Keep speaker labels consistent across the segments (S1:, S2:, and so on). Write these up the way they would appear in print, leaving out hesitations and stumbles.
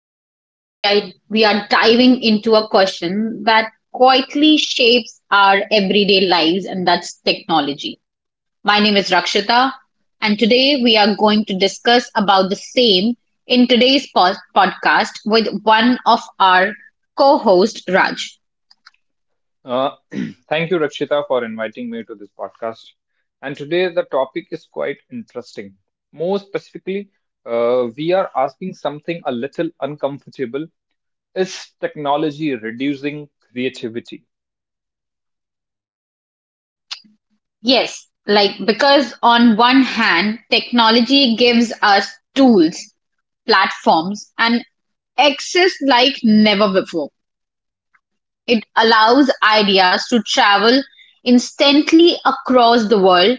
S1: Today we are diving into a question that quietly shapes our everyday lives, and that's technology. My name is Rakshita, and today we are going to discuss about the same in today's podcast with one of our co-host Raj.
S2: Uh, thank you, Rakshita, for inviting me to this podcast. And today the topic is quite interesting. More specifically, we are asking something a little uncomfortable. Is technology reducing creativity?
S1: Yes, like because on one hand, technology gives us tools, platforms, and access like never before. It allows ideas to travel instantly across the world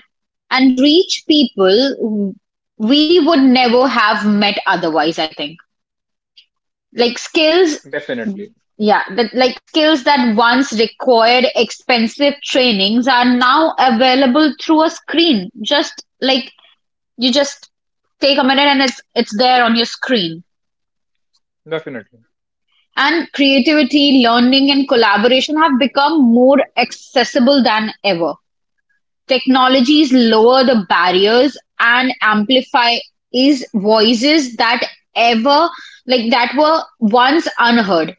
S1: and reach people we would never have met otherwise, I think. Like skills,
S2: Definitely,
S1: yeah, that like skills that once required expensive trainings are now available through a screen, just like you just take a minute and it's there on your screen,
S2: definitely,
S1: and creativity, learning, and collaboration have become more accessible than ever. Technologies lower the barriers and amplify is voices that ever like that were once unheard.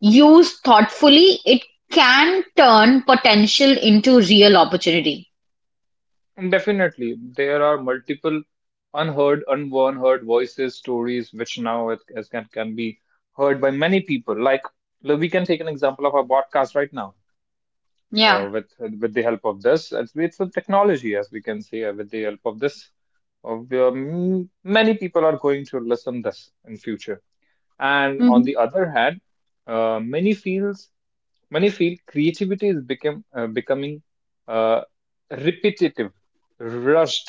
S1: Used thoughtfully, it can turn potential into real opportunity.
S2: definitely. There are multiple unheard voices, stories, which now it can be heard by many people. Like, we can take an example of our podcast right now.
S1: Yeah.
S2: With the help of this, it's a technology, as we can see. With the help of this, we many people are going to listen this in future. And on
S1: Mhm.
S2: the other hand, many fields, many field creativity is become becoming uh, repetitive, rushed,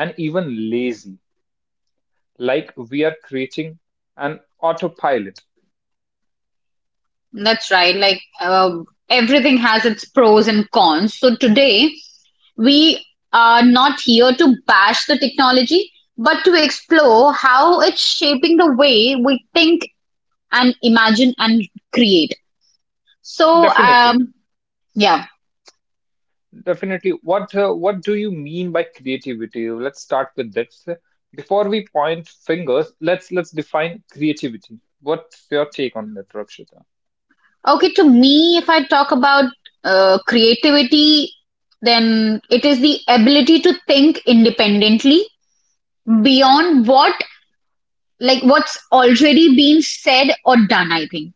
S2: and even lazy. Like we are creating an autopilot.
S1: That's right. Like everything has its pros and cons. So today we are not here to bash the technology, but to explore how it's shaping the way we think and imagine and create. So um,
S2: Definitely.
S1: yeah.
S2: Definitely. What do you mean by creativity? Let's start with this. Before we point fingers, let's define creativity. What's your take on that, Rakshita?
S1: Okay. To me, if I talk about creativity, then it is the ability to think independently beyond what, like what's already been said or done, I think.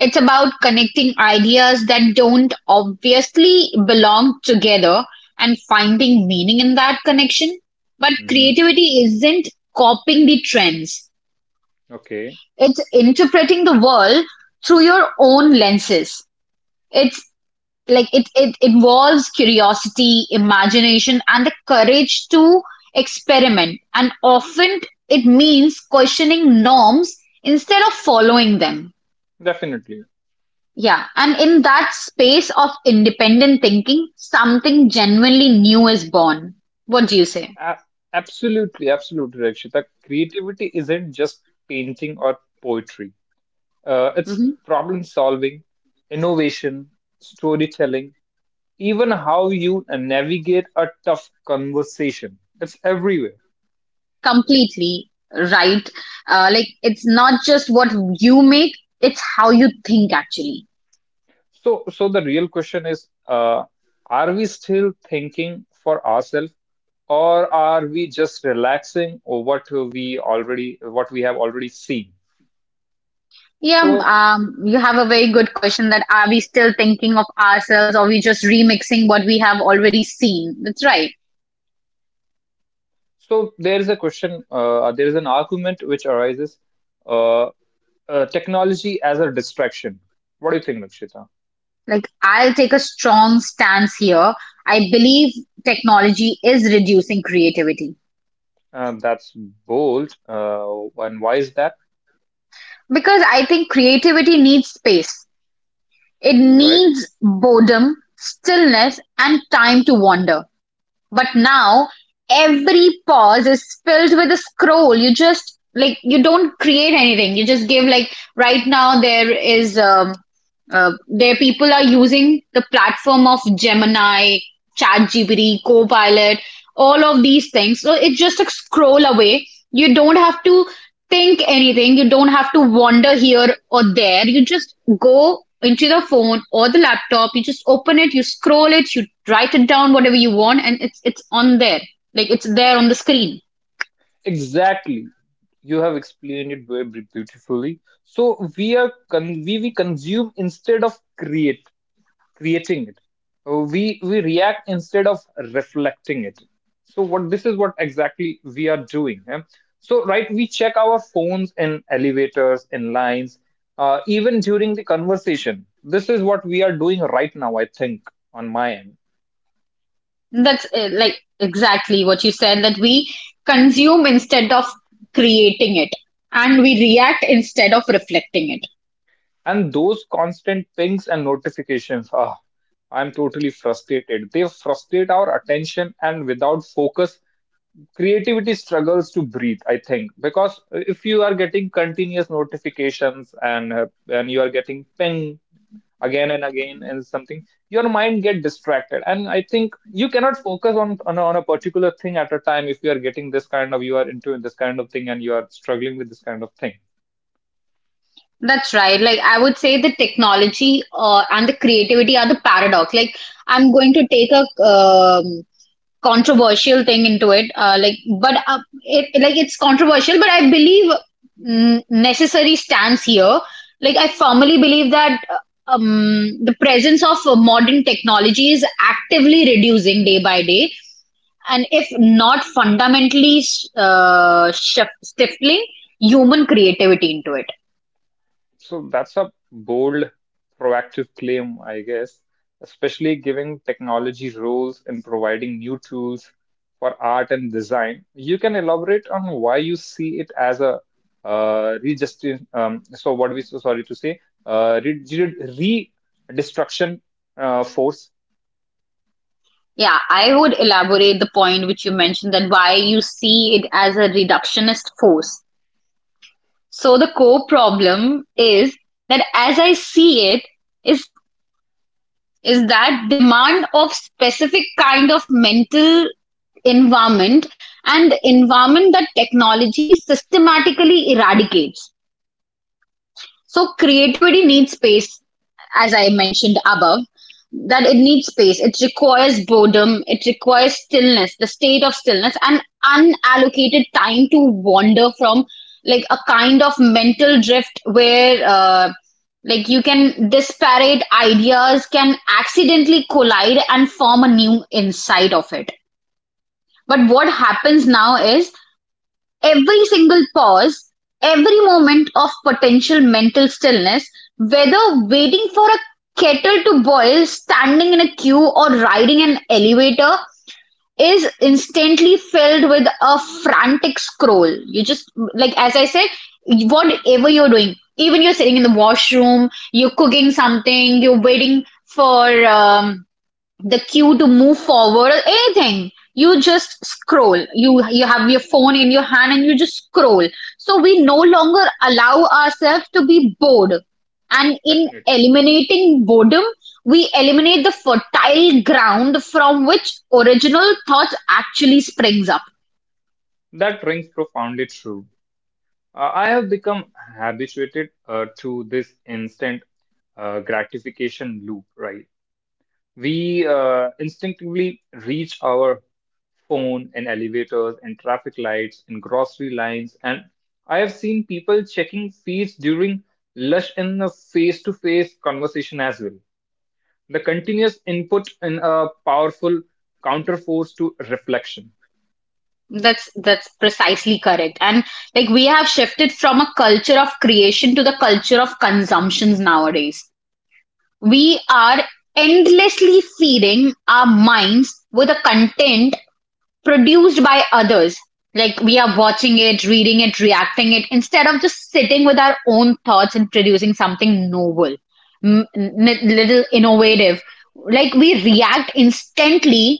S1: It's about connecting ideas that don't obviously belong together and finding meaning in that connection. But
S2: Hmm.
S1: creativity isn't copying the trends.
S2: Okay,
S1: It's interpreting the world through your own lenses. It's like it involves curiosity, imagination, and the courage to experiment. And often it means questioning norms instead of following them.
S2: definitely.
S1: Yeah, and in that space of independent thinking, something genuinely new is born. What do you say?
S2: A- Absolutely, Rakshita. Creativity isn't just painting or poetry. It's
S1: Hmm.
S2: problem solving, innovation, storytelling, even how you navigate a tough conversation. It's everywhere.
S1: Completely right. Like it's not just what you make; it's how you think actually.
S2: So the real question is, are we still thinking for ourselves, or are we just relaxing over what we already, what we have already seen?
S1: Yeah,
S2: So,
S1: you have a very good question. That are we still thinking of ourselves, or we just remixing what we have already seen? That's right.
S2: so there is a question, there is an argument which arises, uh, technology as a distraction. What do you think, Lakshita?
S1: Like I'll take a strong stance here. I believe technology is reducing creativity,
S2: That's bold. And why is that?
S1: because I think creativity needs space. It
S2: All right?
S1: needs boredom, stillness, and time to wander. But now, every pause is filled with a scroll. You just, like, you don't create anything. You just give, like, right now there is, there people are using the platform of Gemini, ChatGPT, Copilot, all of these things. So it's just a scroll away. You don't have to think anything. You don't have to wander here or there. You just go into the phone or the laptop. You just open it, you scroll it, you write it down, whatever you want, and it's on there. Like it's there on the screen.
S2: Exactly. You have explained it very beautifully. So we are con we consume instead of create creating it. We react instead of reflecting it. So what, this is what exactly we are doing. Eh? So right, we check our phones in elevators, in lines, even during the conversation. This is what we are doing right now, I think, on my end.
S1: That's like exactly what you said, that we consume instead of creating it, and we react instead of reflecting it.
S2: And those constant pings and notifications, ah, I'm totally frustrated. They frustrate our attention, and without focus, creativity struggles to breathe, I think. Because if you are getting continuous notifications and you are getting ping again and again and something, your mind get distracted. And I think you cannot focus on a particular thing at a time if you are getting this kind of, you are into this kind of thing and you are struggling with this kind of thing.
S1: That's right. Like I would say the technology and the creativity are the paradox. Like I'm going to take a controversial thing into it. But it's controversial, but I believe necessary stands here. Like I firmly believe that the presence of modern technology is actively reducing day by day, and if not fundamentally stifling human creativity into it.
S2: So that's a bold, proactive claim, I guess, especially giving technology roles in providing new tools for art and design. You can elaborate on why you see it as a so what we, so sorry to say, destruction force.
S1: Yeah, I would elaborate the point which you mentioned, that why you see it as a reductionist force. So the core problem, is that as I see it, is that demand of specific kind of mental environment, and environment that technology systematically eradicates. So creativity needs space, as I mentioned above, that it needs space. It requires boredom, it requires stillness, the state of stillness, and unallocated time to wander from, like a kind of mental drift where like you can disparate ideas can accidentally collide and form a new inside of it. But what happens now is, every single pause, every moment of potential mental stillness, whether waiting for a kettle to boil, standing in a queue, or riding an elevator, is instantly filled with a frantic scroll. You just, like, as I said, whatever you're doing, even you're sitting in the washroom, you're cooking something, you're waiting for the cue to move forward or anything, you just scroll. You have your phone in your hand and you just scroll. So we no longer allow ourselves to be bored, and in
S2: Definitely,
S1: eliminating boredom, we eliminate the fertile ground from which original thoughts actually springs up.
S2: that rings profoundly true. I have become habituated to this instant gratification loop, right? We instinctively reach our phone in elevators, in traffic lights, in grocery lines, and I have seen people checking feeds during lush in a face-to-face conversation as well. The continuous input in a powerful counterforce to reflection.
S1: That's precisely correct. And like we have shifted from a culture of creation to the culture of consumptions nowadays. We are endlessly feeding our minds with the content produced by others. Like we are watching it, reading it, reacting it, instead of just sitting with our own thoughts and producing something novel, little innovative. Like we react instantly,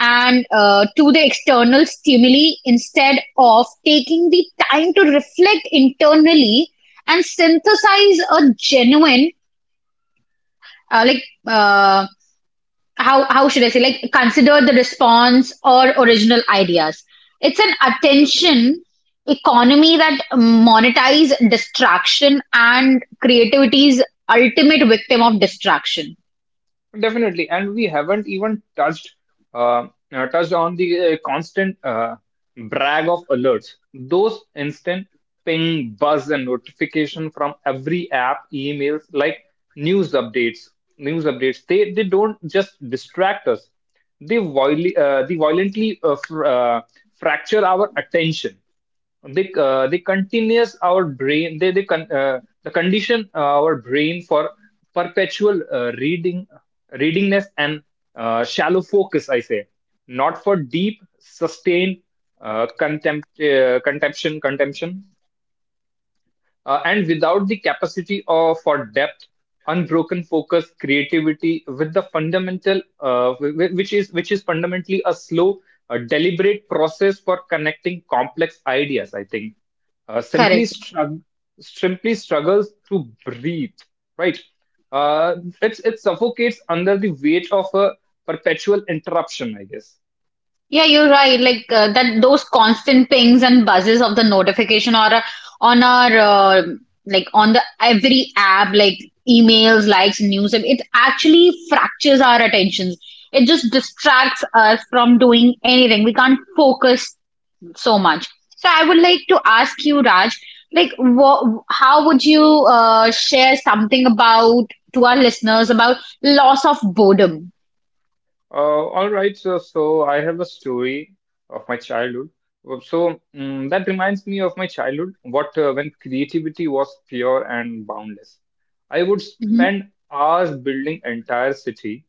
S1: and to the external stimuli instead of taking the time to reflect internally and synthesize a genuine uh, like uh, how should I say, like consider the response or original ideas. It's an
S2: Definitely.
S1: attention economy that monetize distraction, and creativity is ultimate victim of distraction.
S2: Definitely, and we haven't even touched touched on the constant brag of alerts. Those instant ping, buzz, and notification from every app, emails, like news updates. News updates. They don't just distract us. They violently fracture our attention. They they continuous our brain, the condition our brain for perpetual reading readingness and shallow focus, I say, not for deep sustained uh, contempt uh, contemption contempt- and without the capacity of, for depth, unbroken focus, creativity, with the fundamental, which is fundamentally a slow, deliberate process for connecting complex ideas. I think uh, simply
S1: Correct.
S2: strugg- simply struggles to breathe. Right? Uh, it's it suffocates under the weight of a perpetual interruption, I guess.
S1: Yeah, you're right. Like those constant pings and buzzes of the notification, or on our on the every app, like emails, likes, news, it actually fractures our attentions. It just distracts us from doing anything. We can't focus so much. So I would like to ask you, Raj, like what, how would you share something about, to our listeners about loss of boredom?
S2: All right, so I have a story of my childhood. So that reminds me of my childhood, what when creativity was pure and boundless. I would
S1: Mm-hmm.
S2: spend hours building entire city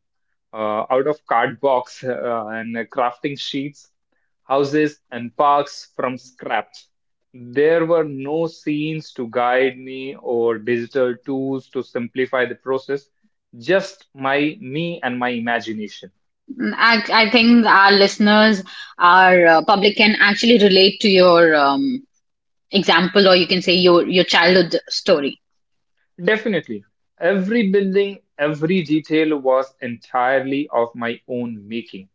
S2: out of cardbox and crafting sheets, houses, and parks from scraps. There were no scenes to guide me or digital tools to simplify the process, just my me and my imagination.
S1: I think our listeners, our public can actually relate to your example, or you can say your childhood story.
S2: Definitely. Every building, every detail was entirely of my own making.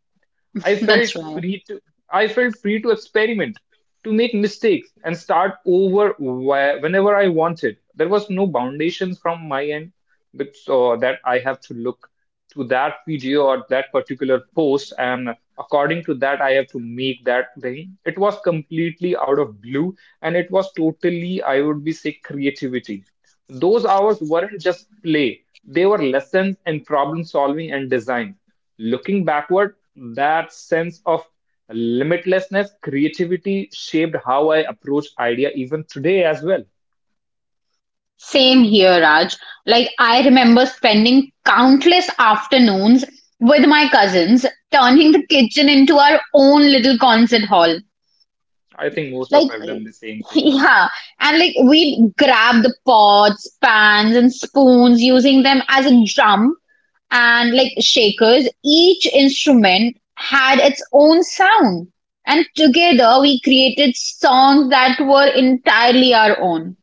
S2: I felt
S1: That's right.
S2: free to I felt free to experiment, to make mistakes and start over whenever I wanted. There was no foundations from my end that, so that I have to look to that video or that particular post, and according to that I have to make that thing. It was completely out of blue, and it was totally, I would be say, creativity. Those hours weren't just play. They were lessons in problem solving and design. Looking backward, that sense of limitlessness, creativity shaped how I approach idea even today as well.
S1: Same here, Raj. Like I remember spending countless afternoons with my cousins, turning the kitchen into our own little concert hall.
S2: I think most of
S1: Like,
S2: I've done the same thing.
S1: yeah, and like we'd grab the pots, pans, and spoons, using them as a drum and like shakers. Each instrument had its own sound, and together we created songs that were entirely our own.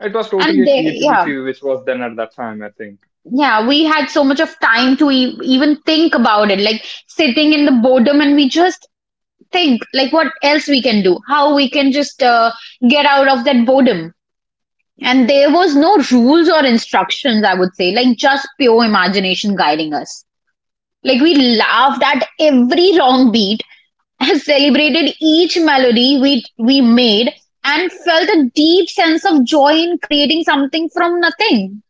S2: It was totally a
S1: Yeah,
S2: creativity which was done at that time, I think.
S1: yeah, we had so much of time to e even think about it, like sitting in the boredom, and we just think like what else we can do, how we can just get out of that boredom. And there was no rules or instructions, I would say, like just pure imagination guiding us. Like we laughed at every wrong beat, celebrated each melody we made, and felt a deep sense of joy in creating something from nothing.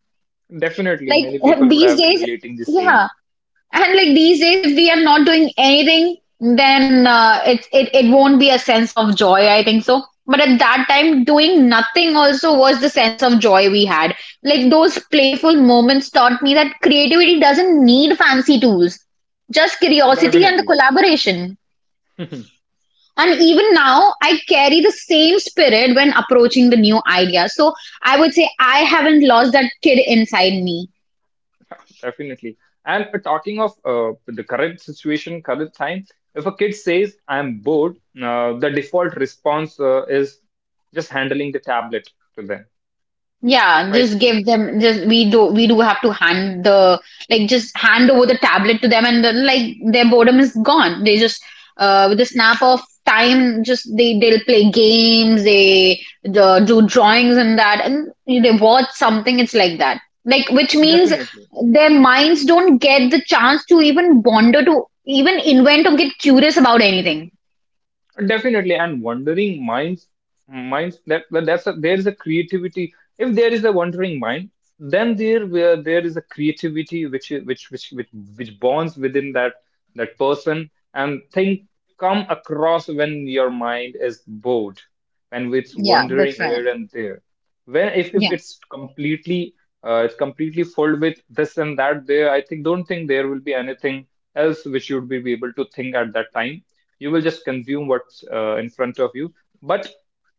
S2: Definitely,
S1: Like
S2: many people would
S1: these
S2: have been
S1: days,
S2: relating the
S1: yeah,
S2: same.
S1: and like these days, if we are not doing anything, then it won't be a sense of joy, I think so. But at that time, doing nothing also was the sense of joy we had. Like those playful moments taught me that creativity doesn't need fancy tools, just curiosity and the
S2: Definitely,
S1: collaboration. And even now, I carry the same spirit when approaching the new idea. So I would say I haven't lost that kid inside me.
S2: definitely. And talking of the current situation, current time, if a kid says, I'm bored, the default response is just handling the tablet to them,
S1: Yeah,
S2: right?
S1: just give them, just we do have to hand the, like just hand over the tablet to them, and then like their boredom is gone. They just with the snap of time, just they'll play games, they do drawings and that, and they watch something, it's like that. Like which means
S2: Definitely.
S1: their minds don't get the chance to even wander, to even invent or get curious about anything.
S2: Definitely, and wandering minds, minds that's a, there is a creativity. If there is a wandering mind, then there where there is a creativity which is- which bonds within that that person, and thing come across when your mind is bored, when it's
S1: Yeah,
S2: wandering
S1: that's right.
S2: here and there. When if it's completely it's completely filled with this and that there, I think don't think there will be anything else which you would be able to think at that time. You will just consume what's in front of you. But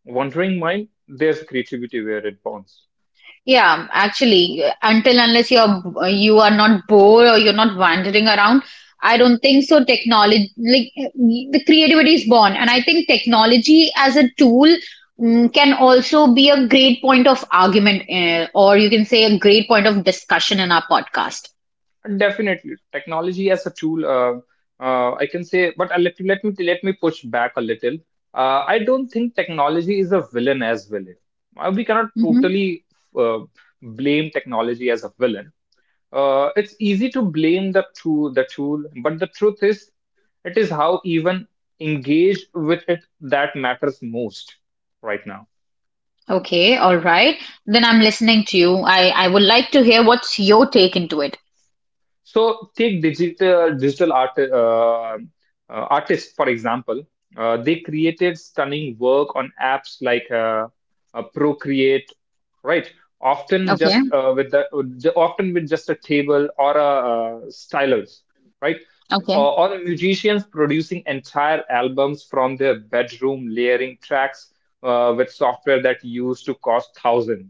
S2: wandering mind, there's creativity where it bonds.
S1: Yeah, actually, until unless you are not bored or you're not wandering around, I don't think so. Technology, like the creativity is born, and I think technology as a tool can also be a great point of argument, or you can say a great point of discussion in our podcast.
S2: And definitely technology as a tool, I can say, but let me push back a little. I don't think technology is a villain as well. We cannot
S1: Hmm.
S2: totally uh, blame technology as a villain. It's easy to blame the tool, but the truth is, it is how even engage with it that matters most right now.
S1: Okay, all right. Then I'm listening to you. I would like to hear what's your take into it.
S2: So take digital art, uh, artists for example. They created stunning work on apps like Procreate, right? Often
S1: Okay,
S2: just uh, with the often with just a table or a stylus, right?
S1: okay.
S2: Or musicians producing entire albums from their bedroom, layering tracks with software that used to cost thousands.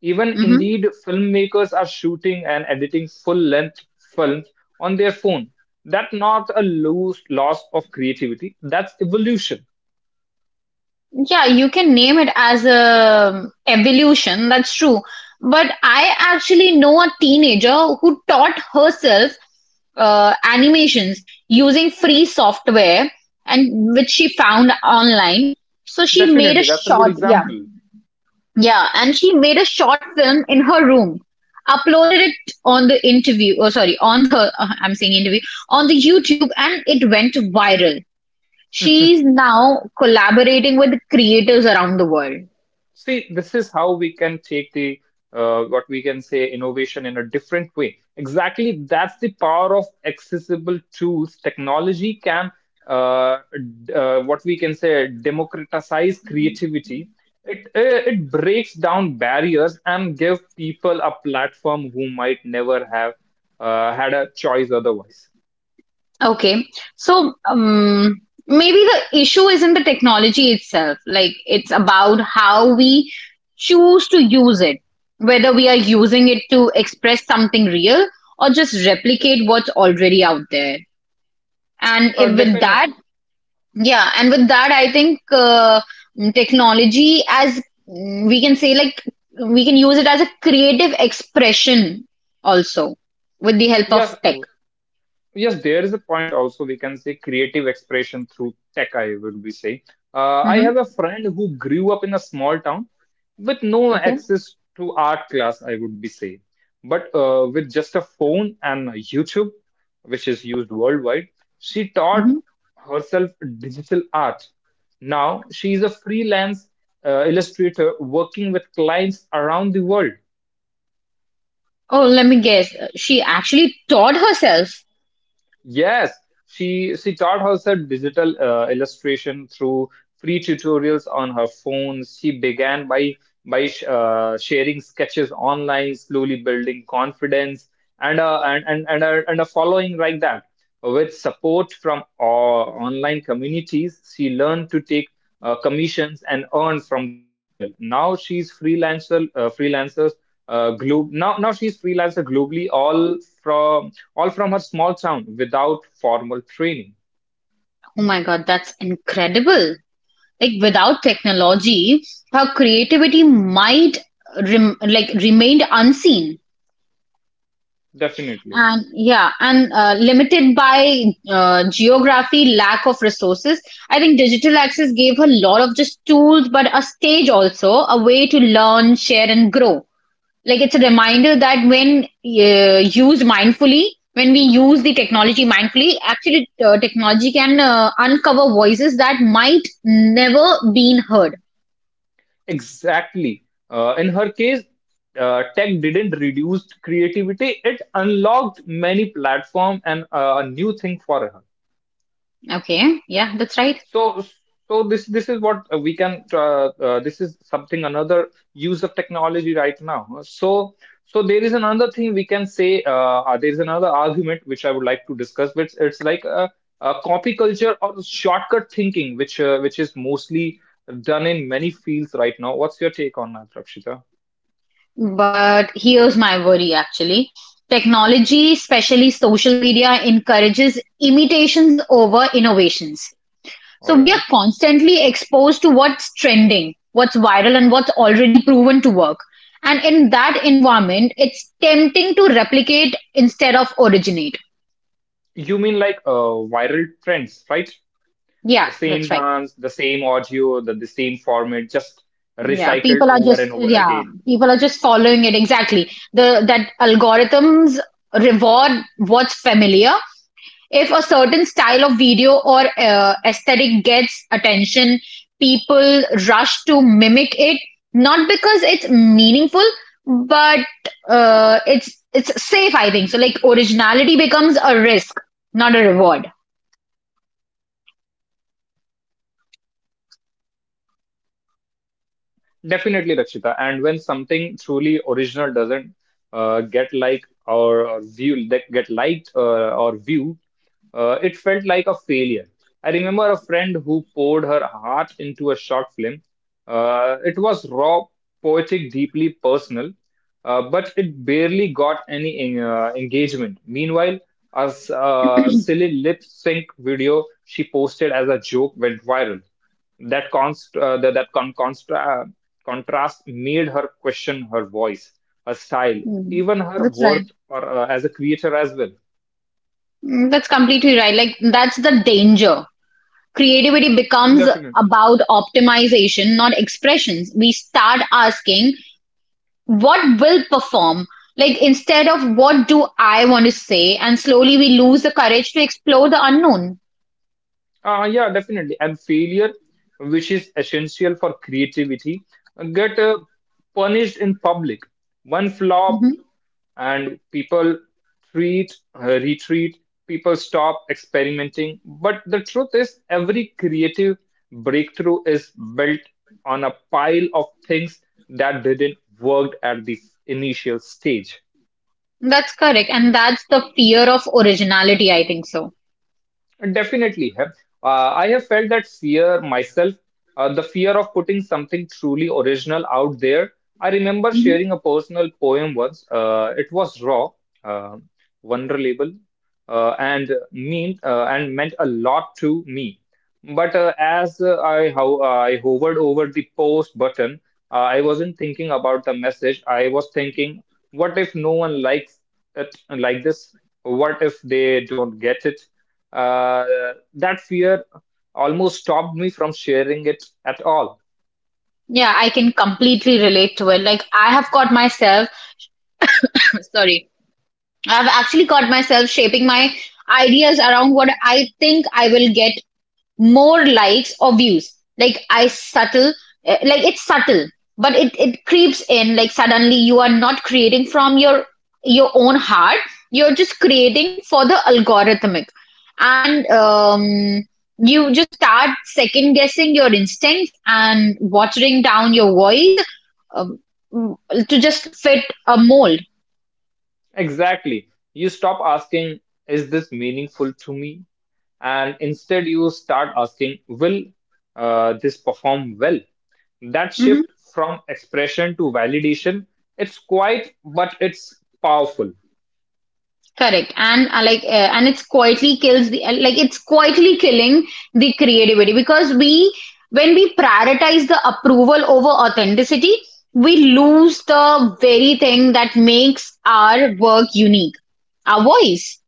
S2: Even
S1: Hmm.
S2: indeed, filmmakers are shooting and editing full-length films on their phone. That's not a loose loss of creativity. That's evolution.
S1: Yeah, you can name it as a evolution, that's true. But I actually know a teenager who taught herself animations using free software and which she found online. So she made a
S2: Definitely, that's a good
S1: short, yeah,
S2: example.
S1: yeah, and she made a short film in her room, uploaded it on the interview, oh sorry, on the, I'm saying interview, on the YouTube, and it went viral. She is now collaborating with creators around the world.
S2: See, this is how we can take the what we can say innovation in a different way. Exactly, that's the power of accessible tools. Technology can uh, what we can say, democratize creativity. It breaks down barriers and give people a platform who might never have had a choice otherwise.
S1: Okay, so maybe the issue isn't the technology itself, like it's about how we choose to use it, whether we are using it to express something real or just replicate what's already out there. And if with
S2: Definitely,
S1: that, yeah, and with that, I think technology, as we can say, like we can use it as a creative expression also with the help of
S2: yes.
S1: tech.
S2: Yes, there is a point also, we can say creative expression through tech, I would be saying. I
S1: Hmm.
S2: have a friend who grew up in a small town with no
S1: Okay.
S2: access to art class, I would be saying. But with just a phone and YouTube, which is used worldwide, she taught
S1: Hmm.
S2: herself digital art. Now she is a freelance illustrator working with clients around the world.
S1: Oh, let me guess. She actually taught herself.
S2: Yes, she taught herself digital illustration through free tutorials on her phone. She began by sharing sketches online, slowly building confidence and, and a following like that. With support from online communities, she learned to take commissions and earn from that as well. Now she's freelancer freelancers glo- now now she's freelancer globally, all from her small town, without formal training.
S1: Oh my God, that's incredible. Like without technology, her creativity might remained unseen.
S2: Definitely.
S1: And yeah, and limited by geography, lack of resources. I think digital access gave her a lot of just tools, but a stage also, a way to learn, share, and grow. Like it's a reminder that when used mindfully, when we use the technology mindfully, actually technology can uncover voices that might never been heard.
S2: Exactly. In her case, tech didn't reduce creativity, it unlocked many platform and a new thing for her.
S1: Okay, yeah, that's right.
S2: So, this is what we can. This is something another use of technology right now. So there is another thing we can say. There is another argument which I would like to discuss. Which it's like a copy culture or shortcut thinking, which is mostly done in many fields right now. What's your take on that, Rakshita?
S1: But here's my worry actually. Technology, especially social media, encourages imitations over innovations.
S2: All
S1: So we are
S2: right.
S1: constantly exposed to what's trending, what's viral, and what's already proven to work. And in that environment, it's tempting to replicate instead of originate.
S2: You mean like viral trends, right?
S1: Yeah,
S2: The same
S1: that's right.
S2: dance, the same audio, the same format, just recycled over and over again.
S1: People are just following it exactly. The that algorithms reward what's familiar. If a certain style of video or aesthetic gets attention, people rush to mimic it, not because it's meaningful, but it's safe, I think. So like originality becomes a risk, not a reward.
S2: Definitely, Rakshita. And when something truly original doesn't get like or view, that get liked or view, it felt like a failure. I remember a friend who poured her heart into a short film. It was raw, poetic, deeply personal, but it barely got any engagement. Meanwhile, a silly lip sync video she posted as a joke went viral. That const that, that con constra- contrast made her question her voice, her style,
S1: Hmm.
S2: even her
S1: That's right.
S2: worth or as a creator as well.
S1: Mm. That's completely right. Like, that's the danger. Creativity becomes
S2: Definitely.
S1: about optimization, not expressions. We start asking, what will perform, like instead of what do I want to say, and slowly we lose the courage to explore the unknown.
S2: Yeah, definitely. And failure, which is essential for creativity, get punished in public. One flop
S1: Mhm.
S2: and people treat, retreat, people stop experimenting. But the truth is, every creative breakthrough is built on a pile of things that didn't work at the initial stage.
S1: That's correct, and that's the fear of originality, I think so.
S2: Definitely. Heb. I have felt that fear myself, the fear of putting something truly original out there. I remember
S1: Mhm.
S2: sharing a personal poem once. It was raw, uh, vulnerable, and meant a lot to me. But as I hovered over the post button, I wasn't thinking about the message. I was thinking, what if no one likes it like this? What if they don't get it? uh, that fear almost stopped me from sharing it at all.
S1: Yeah, I can completely relate to it. Like, I have caught myself, sorry, I've actually caught myself shaping my ideas around what I think I will get more likes or views. Like I subtle, like it's subtle, but it creeps in. Like suddenly you are not creating from your own heart. You're just creating for the algorithmic, and you just start second guessing your instincts and watering down your voice um, to just fit a mold.
S2: Exactly. You stop asking, is this meaningful to me? And instead, you start asking, will this perform well? That
S1: Mm-hmm.
S2: shift from expression to validation, it's quite, but it's powerful.
S1: Correct. And like, and it's quietly kills the, like, It's quietly killing the creativity because when we prioritize the approval over authenticity, we lose the very thing that makes our work unique, our voice.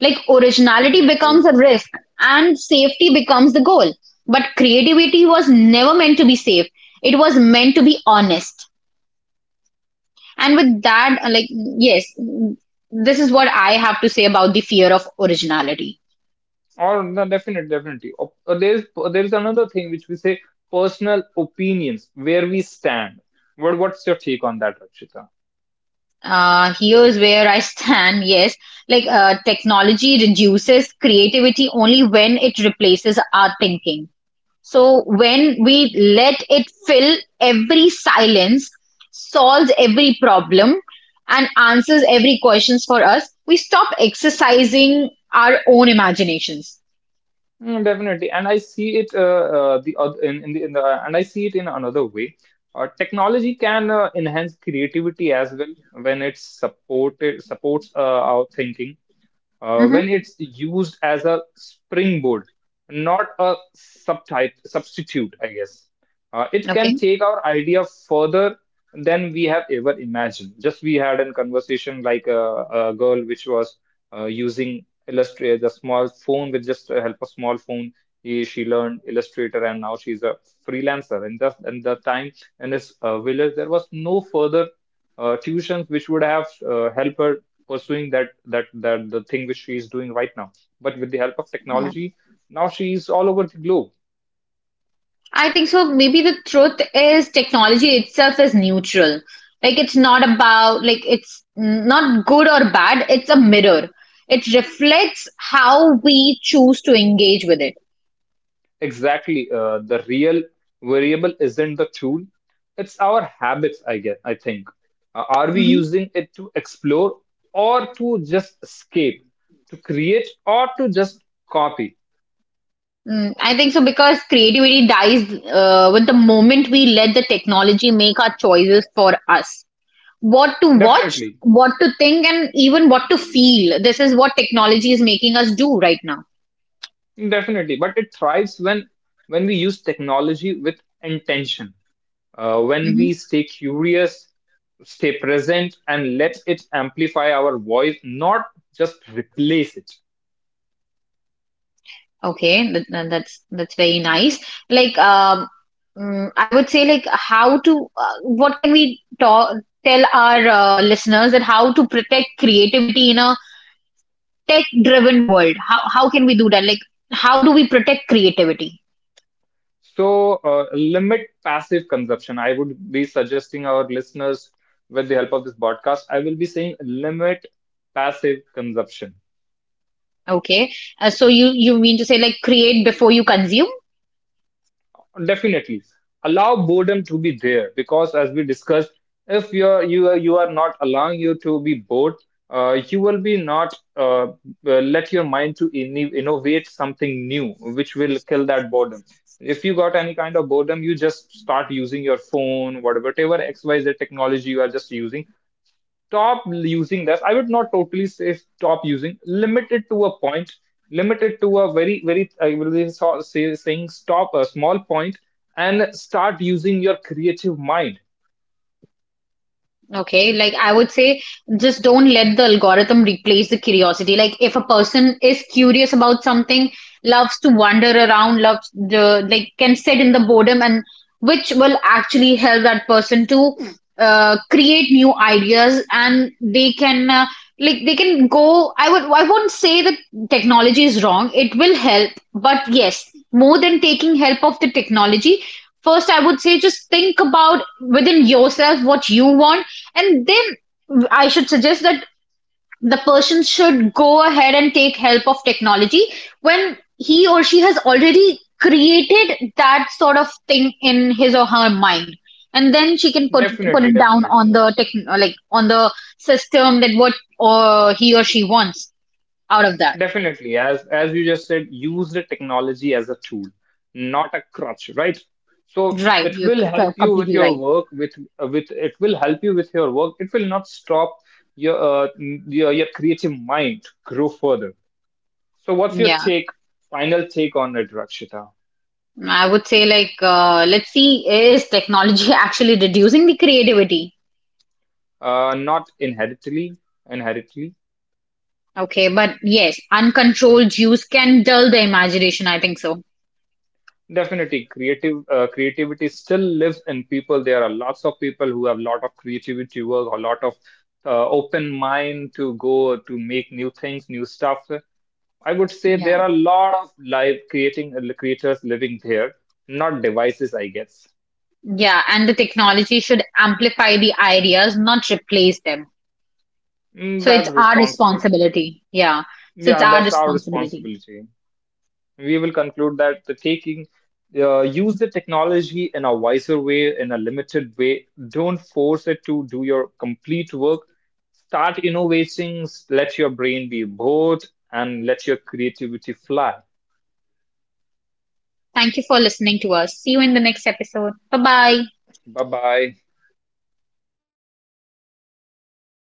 S1: Like, originality becomes
S2: Definitely.
S1: a risk and safety becomes the goal. But creativity was never meant to be safe, it was meant to be honest. And with that, yes, this is what I have to say about the fear of originality.
S2: Or no, definite, definitely. Op- there's another thing which we say personal opinions, where we stand. What's your take on that, Rakshita?
S1: Here's where I stand. Yes, technology reduces creativity only when it replaces our thinking. So when we let it fill every silence, solves every problem, and answers every questions for us, we stop exercising our own imaginations.
S2: Mm, definitely, and I see it the oth- in the and I see it in another way. Technology can enhance creativity as well when it supported supports our thinking when
S1: Hmm.
S2: it's used as a springboard, not a subtype substitute, I guess. It can
S1: Okay.
S2: take our idea further than we have ever imagined. Just we had a conversation like a girl which was using Illustrator, the small phone with just help a small phone. She learned Illustrator and now she's a freelancer. And just and the time in this village, there was no further tuitions which would have helped her pursuing that the thing which she is doing right now. But with the help of technology, now she is all over the globe.
S1: I think so. Maybe the truth is technology itself is neutral. It's not good or bad. It's a mirror. It reflects how we choose to engage with it.
S2: Exactly. The real variable isn't the tool; it's our habits. I guess. I think. Are we
S1: Hmm.
S2: using it to explore or to just escape, to create or to just copy?
S1: Mm, I think so because creativity dies with the moment we let the technology make our choices for us. What to watch,
S2: Definitely,
S1: what to think, and even what to feel. This is what technology is making us do right now.
S2: definitely. But it thrives when we use technology with intention. When we stay curious, stay present, and let it amplify our voice, not just replace it.
S1: Okay, that's very nice. Like, um, I would say, like, what can we tell our listeners that how to protect creativity in a tech-driven world? How can we do that? Like, how do we protect creativity?
S2: So, limit passive consumption. I would be suggesting our listeners, with the help of this podcast, I will be saying limit passive consumption.
S1: Okay, so you mean to say like create before you consume?
S2: Definitely, allow boredom to be there, because as we discussed, if you are not allowing you to be bored, you will be not let your mind to innovate something new which will kill that boredom. If you got any kind of boredom, you just start using your phone, whatever whatever xyz technology you are just using, stop using this. I would not totally say stop using, limit it to a point, limit it to a very, very, I will really say, saying stop a small point, and start using your creative mind.
S1: Okay, like I would say, just don't let the algorithm replace the curiosity. Like if a person is curious about something, loves to wander around, loves the like can sit in the boredom, and which will actually help that person to create new ideas, and they can go. I won't say that technology is wrong. It will help, but yes, more than taking help of the technology. First, I would say just think about within yourself what you want and then I should suggest that the person should go ahead and take help of technology when he or she has already created that sort of thing in his or her mind. And then she can put
S2: Definitely,
S1: it down on
S2: definitely,
S1: the tech, like on the system that what or he or she wants out of that.
S2: definitely. As you just said, use the technology as a tool, not a crutch, right? So
S1: Right,
S2: it will help you with
S1: completely
S2: your
S1: right.
S2: work, it will help you with your work. It will not stop your creative mind grow further. So, what's your
S1: Yeah,
S2: take, final take on it, Rakshita?
S1: I would say let's see, is technology actually reducing the creativity?
S2: Not inherently, inherently.
S1: Okay, but yes, uncontrolled use can dull the imagination, I think so.
S2: Definitely, creative creativity still lives in people. There are lots of people who have a lot of creativity work, a lot of open mind to go to make new things, new stuff. I would say
S1: Yeah.
S2: there are a lot of live creating creators living there, not devices, I guess.
S1: Yeah, and the technology should amplify the ideas, not replace them.
S2: Mm,
S1: So it's
S2: that's
S1: our
S2: responsible.
S1: responsibility. Yeah, so it's
S2: Yeah,
S1: our
S2: that's our
S1: responsibility.
S2: responsibility. We will conclude that the taking use the technology in a wiser way, in a limited way, don't force it to do your complete work, start innovating, let your brain be bored, and let your creativity fly.
S1: Thank you for listening to us. See you in the next episode. Bye bye.
S2: Bye bye.